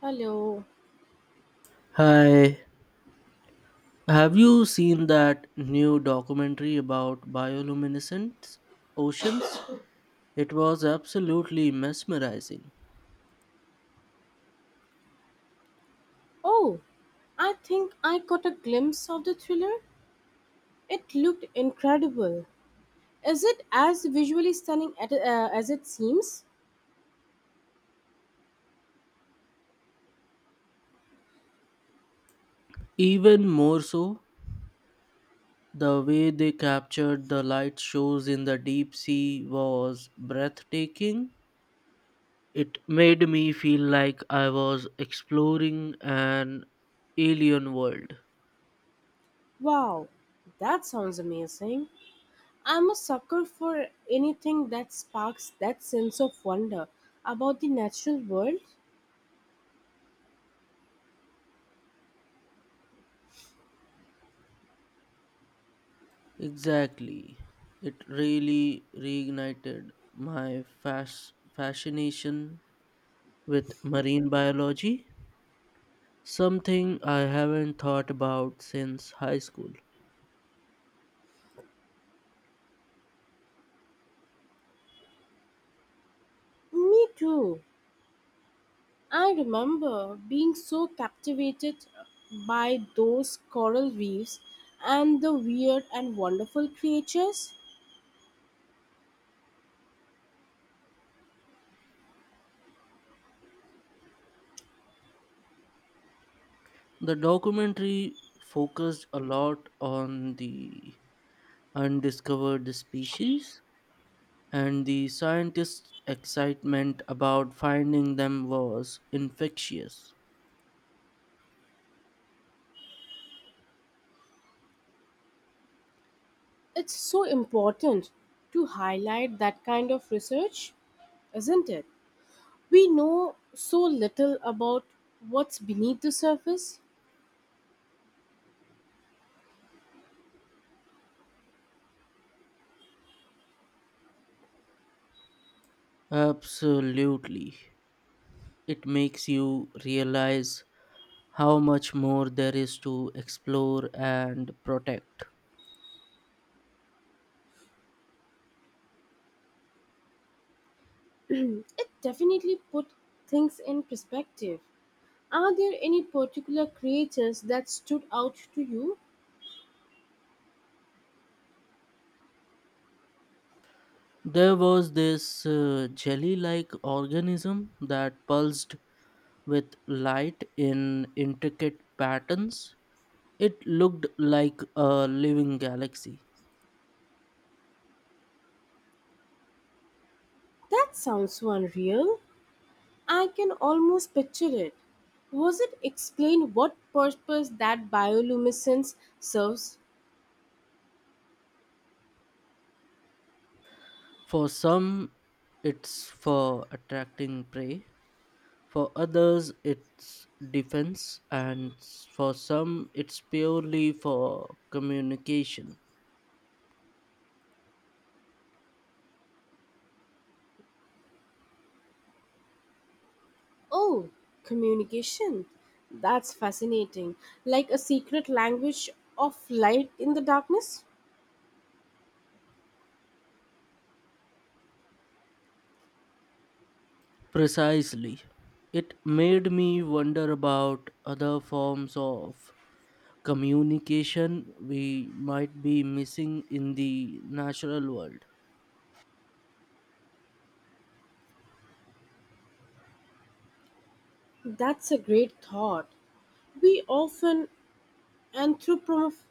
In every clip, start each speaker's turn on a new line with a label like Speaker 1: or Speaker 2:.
Speaker 1: Hello.
Speaker 2: Hi, have you seen that new documentary about bioluminescent oceans? It was absolutely mesmerizing.
Speaker 1: Oh, I think I caught a glimpse of the thriller. It looked incredible. Is it as visually stunning as it seems?
Speaker 2: Even more so, the way they captured the light shows in the deep sea was breathtaking. It made me feel like I was exploring an alien world.
Speaker 1: Wow, that sounds amazing. I'm a sucker for anything that sparks that sense of wonder about the natural world.
Speaker 2: Exactly. It really reignited my fascination with marine biology, something I haven't thought about since high school.
Speaker 1: Me too. I remember being so captivated by those coral reefs and the weird and wonderful creatures.
Speaker 2: The documentary focused a lot on the undiscovered species, and the scientists' excitement about finding them was infectious.
Speaker 1: It's so important to highlight that kind of research, isn't it? We know so little about what's beneath the surface.
Speaker 2: Absolutely. It makes you realize how much more there is to explore and protect.
Speaker 1: It definitely put things in perspective. Are there any particular creatures that stood out to you?
Speaker 2: There was this jelly like organism that pulsed with light in intricate patterns. It looked like a living galaxy.
Speaker 1: That sounds so unreal. I can almost picture it. Was it explained what purpose that bioluminescence serves?
Speaker 2: For some, it's for attracting prey. For others, it's defense. For some, it's purely for communication.
Speaker 1: Oh, communication. That's fascinating. Like a secret language of light in the darkness?
Speaker 2: Precisely. It made me wonder about other forms of communication we might be missing in the natural world.
Speaker 1: That's a great thought. We often anthropomorphize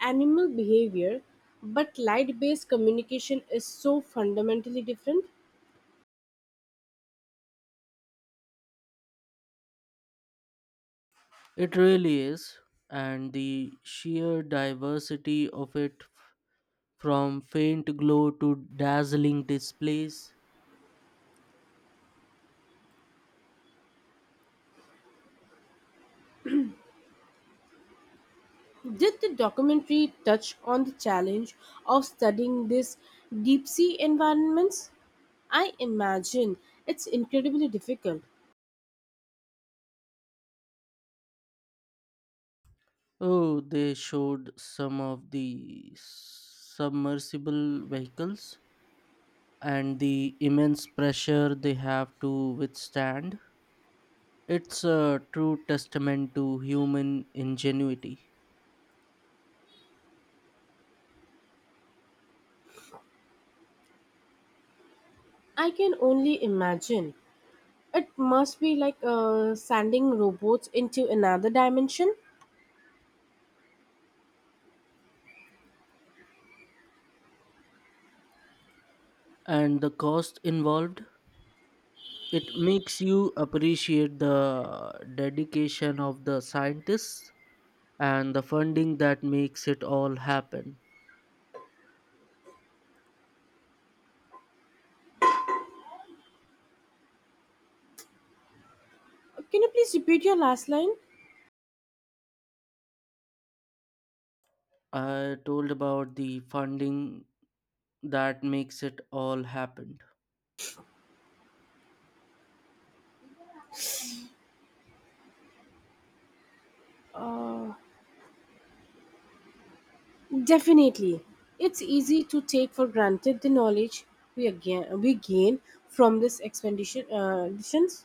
Speaker 1: animal behavior, but light based communication is so fundamentally different.
Speaker 2: It really is, and the sheer diversity of it, from faint glow to dazzling displays.
Speaker 1: Did the documentary touch on the challenge of studying these deep sea environments? I imagine it's incredibly difficult.
Speaker 2: Oh, they showed some of the submersible vehicles and the immense pressure they have to withstand. It's a true testament to human ingenuity
Speaker 1: I can only imagine. It must be like sending robots into another dimension.
Speaker 2: and the cost involved. It makes you appreciate the dedication of the scientists and the funding that makes it all happen.
Speaker 1: Can you please repeat your last line?
Speaker 2: I told about the funding that makes it all happen.
Speaker 1: Definitely. It's easy to take for granted the knowledge we, again, we gain from this expedition. Editions.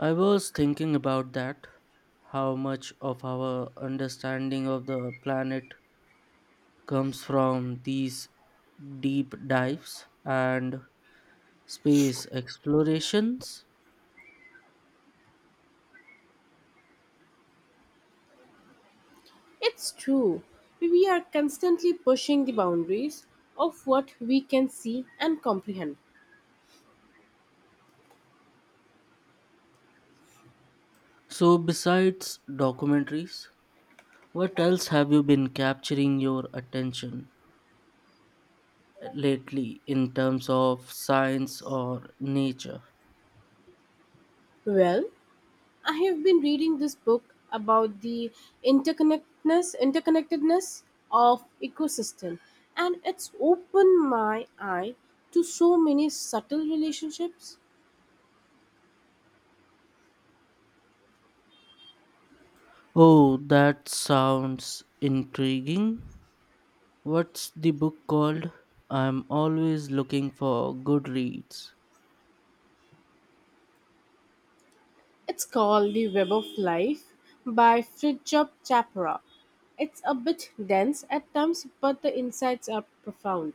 Speaker 2: I was thinking about that, how much of our understanding of the planet comes from these deep dives and space explorations.
Speaker 1: It's true. We are constantly pushing the boundaries of what we can see and comprehend.
Speaker 2: So besides documentaries, what else have you been capturing your attention lately in terms of science or nature?
Speaker 1: Well, I have been reading this book about the interconnectedness of ecosystem, and it's opened my eye to so many subtle relationships.
Speaker 2: Oh, that sounds intriguing. What's the book called? I'm always looking for good reads.
Speaker 1: It's called The Web of Life by Fridtjof Chapra. It's a bit dense at times, but the insights are profound.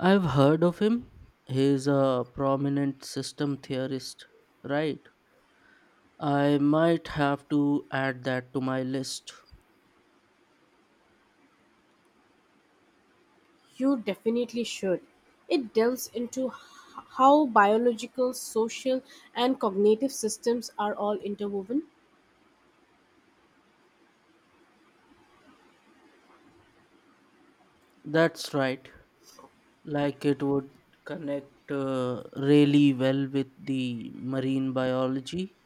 Speaker 2: I've heard of him. He's a prominent system theorist, right? I might have to add that to my list.
Speaker 1: You definitely should. It delves into how biological, social and cognitive systems are all interwoven.
Speaker 2: That's right. Like it would connect really well with the marine biology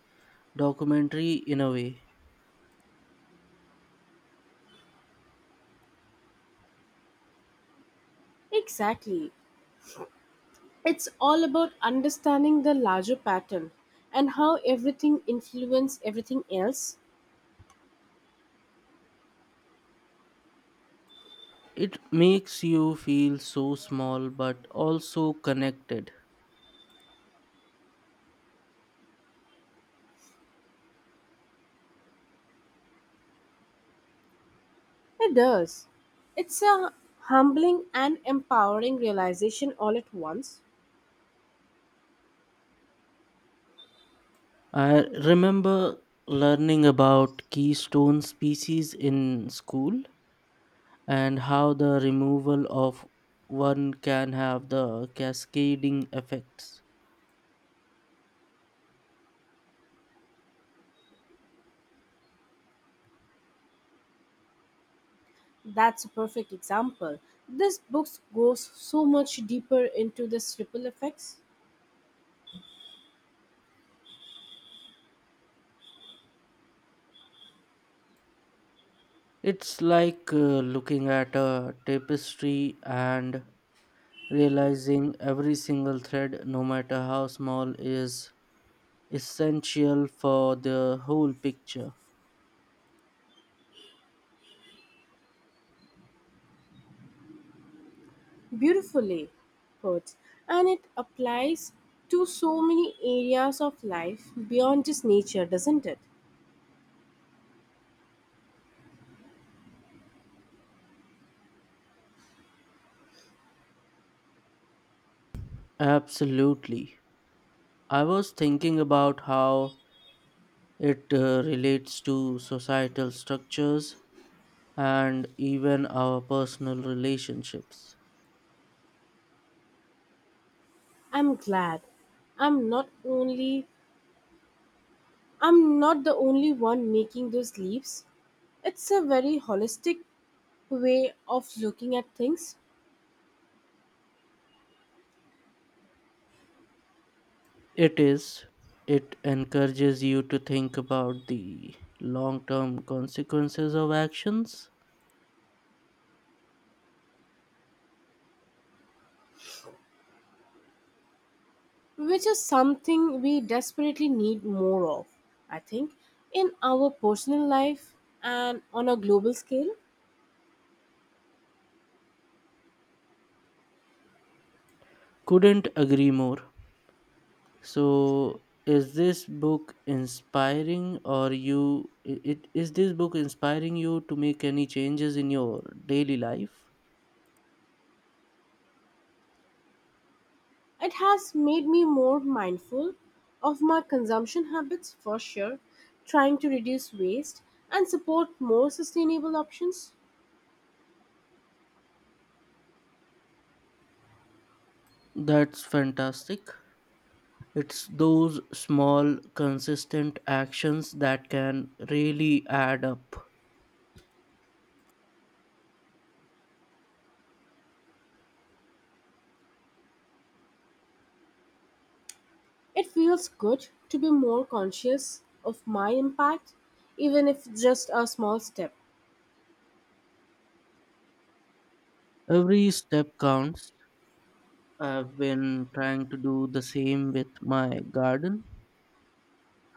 Speaker 2: documentary in a way.
Speaker 1: Exactly. It's all about understanding the larger pattern and how everything influences everything else.
Speaker 2: It makes you feel so small but also connected.
Speaker 1: It does. It's a humbling and empowering realization all at once.
Speaker 2: I remember learning about keystone species in school and how the removal of one can have the cascading effects.
Speaker 1: That's a perfect example. This book goes so much deeper into this ripple effects
Speaker 2: It's like looking at a tapestry and realizing every single thread, no matter how small, is essential for the whole picture.
Speaker 1: beautifully put, and it applies to so many areas of life beyond just nature, doesn't it?
Speaker 2: Absolutely. I was thinking about how it relates to societal structures and even our personal relationships.
Speaker 1: I'm glad I'm not only I'm not the only one making those leaps. It's a very holistic way of looking at things,
Speaker 2: It is. It encourages you to think about the long term consequences of actions.
Speaker 1: which is something we desperately need more of, I think, in our personal life and on a global scale.
Speaker 2: Couldn't agree more. So is this book inspiring or you I- it is this book inspiring you to make any changes in your daily life?
Speaker 1: It has made me more mindful of my consumption habits for sure, trying to reduce waste and support more sustainable options.
Speaker 2: That's fantastic. It's those small consistent actions that can really add up.
Speaker 1: It feels good to be more conscious of my impact, even if it's just a small step.
Speaker 2: Every step counts. I've been trying to do the same with my garden,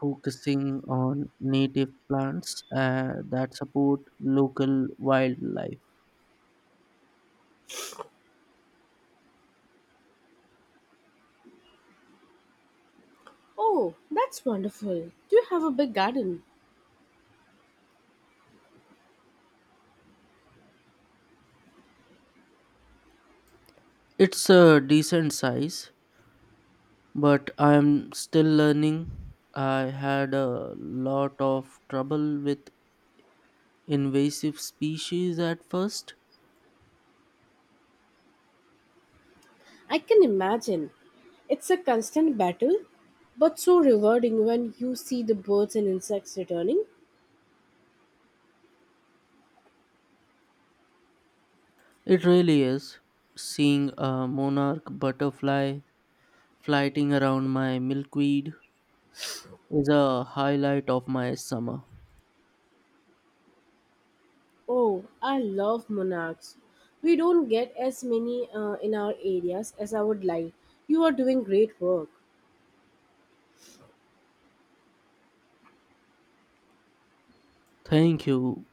Speaker 2: focusing on native plants that support local wildlife.
Speaker 1: Oh, that's wonderful. Do you have a big garden?
Speaker 2: It's a decent size, but I'm still learning. I had a lot of trouble with invasive species at first.
Speaker 1: I can imagine. It's a constant battle, but so rewarding when you see the birds and insects returning.
Speaker 2: It really is. Seeing a monarch butterfly flighting around my milkweed is a highlight of my summer.
Speaker 1: Oh, I love monarchs. We don't get as many in our areas as I would like. You are doing great work.
Speaker 2: Thank you.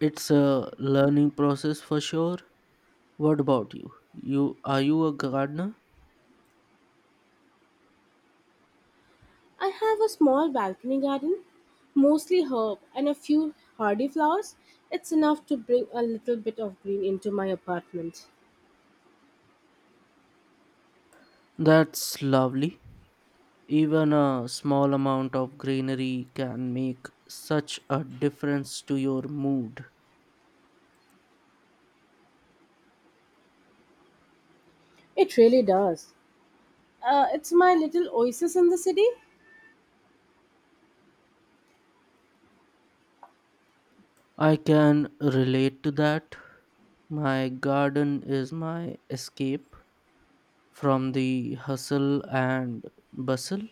Speaker 2: It's a learning process for sure. What about you? Are you a gardener?
Speaker 1: I have a small balcony garden, mostly herb and a few hardy flowers. It's enough to bring a little bit of green into my apartment.
Speaker 2: That's lovely. Even a small amount of greenery can make such a difference to your mood.
Speaker 1: It really does. It's my little oasis in the city.
Speaker 2: I can relate to that. My garden is my escape from the hustle and bustle.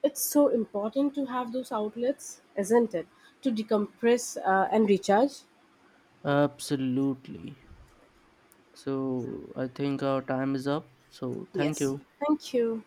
Speaker 1: It's so important to have those outlets, isn't it? To decompress and recharge.
Speaker 2: Absolutely. So I think our time is up. So thank
Speaker 1: Yes.
Speaker 2: you.
Speaker 1: Thank you.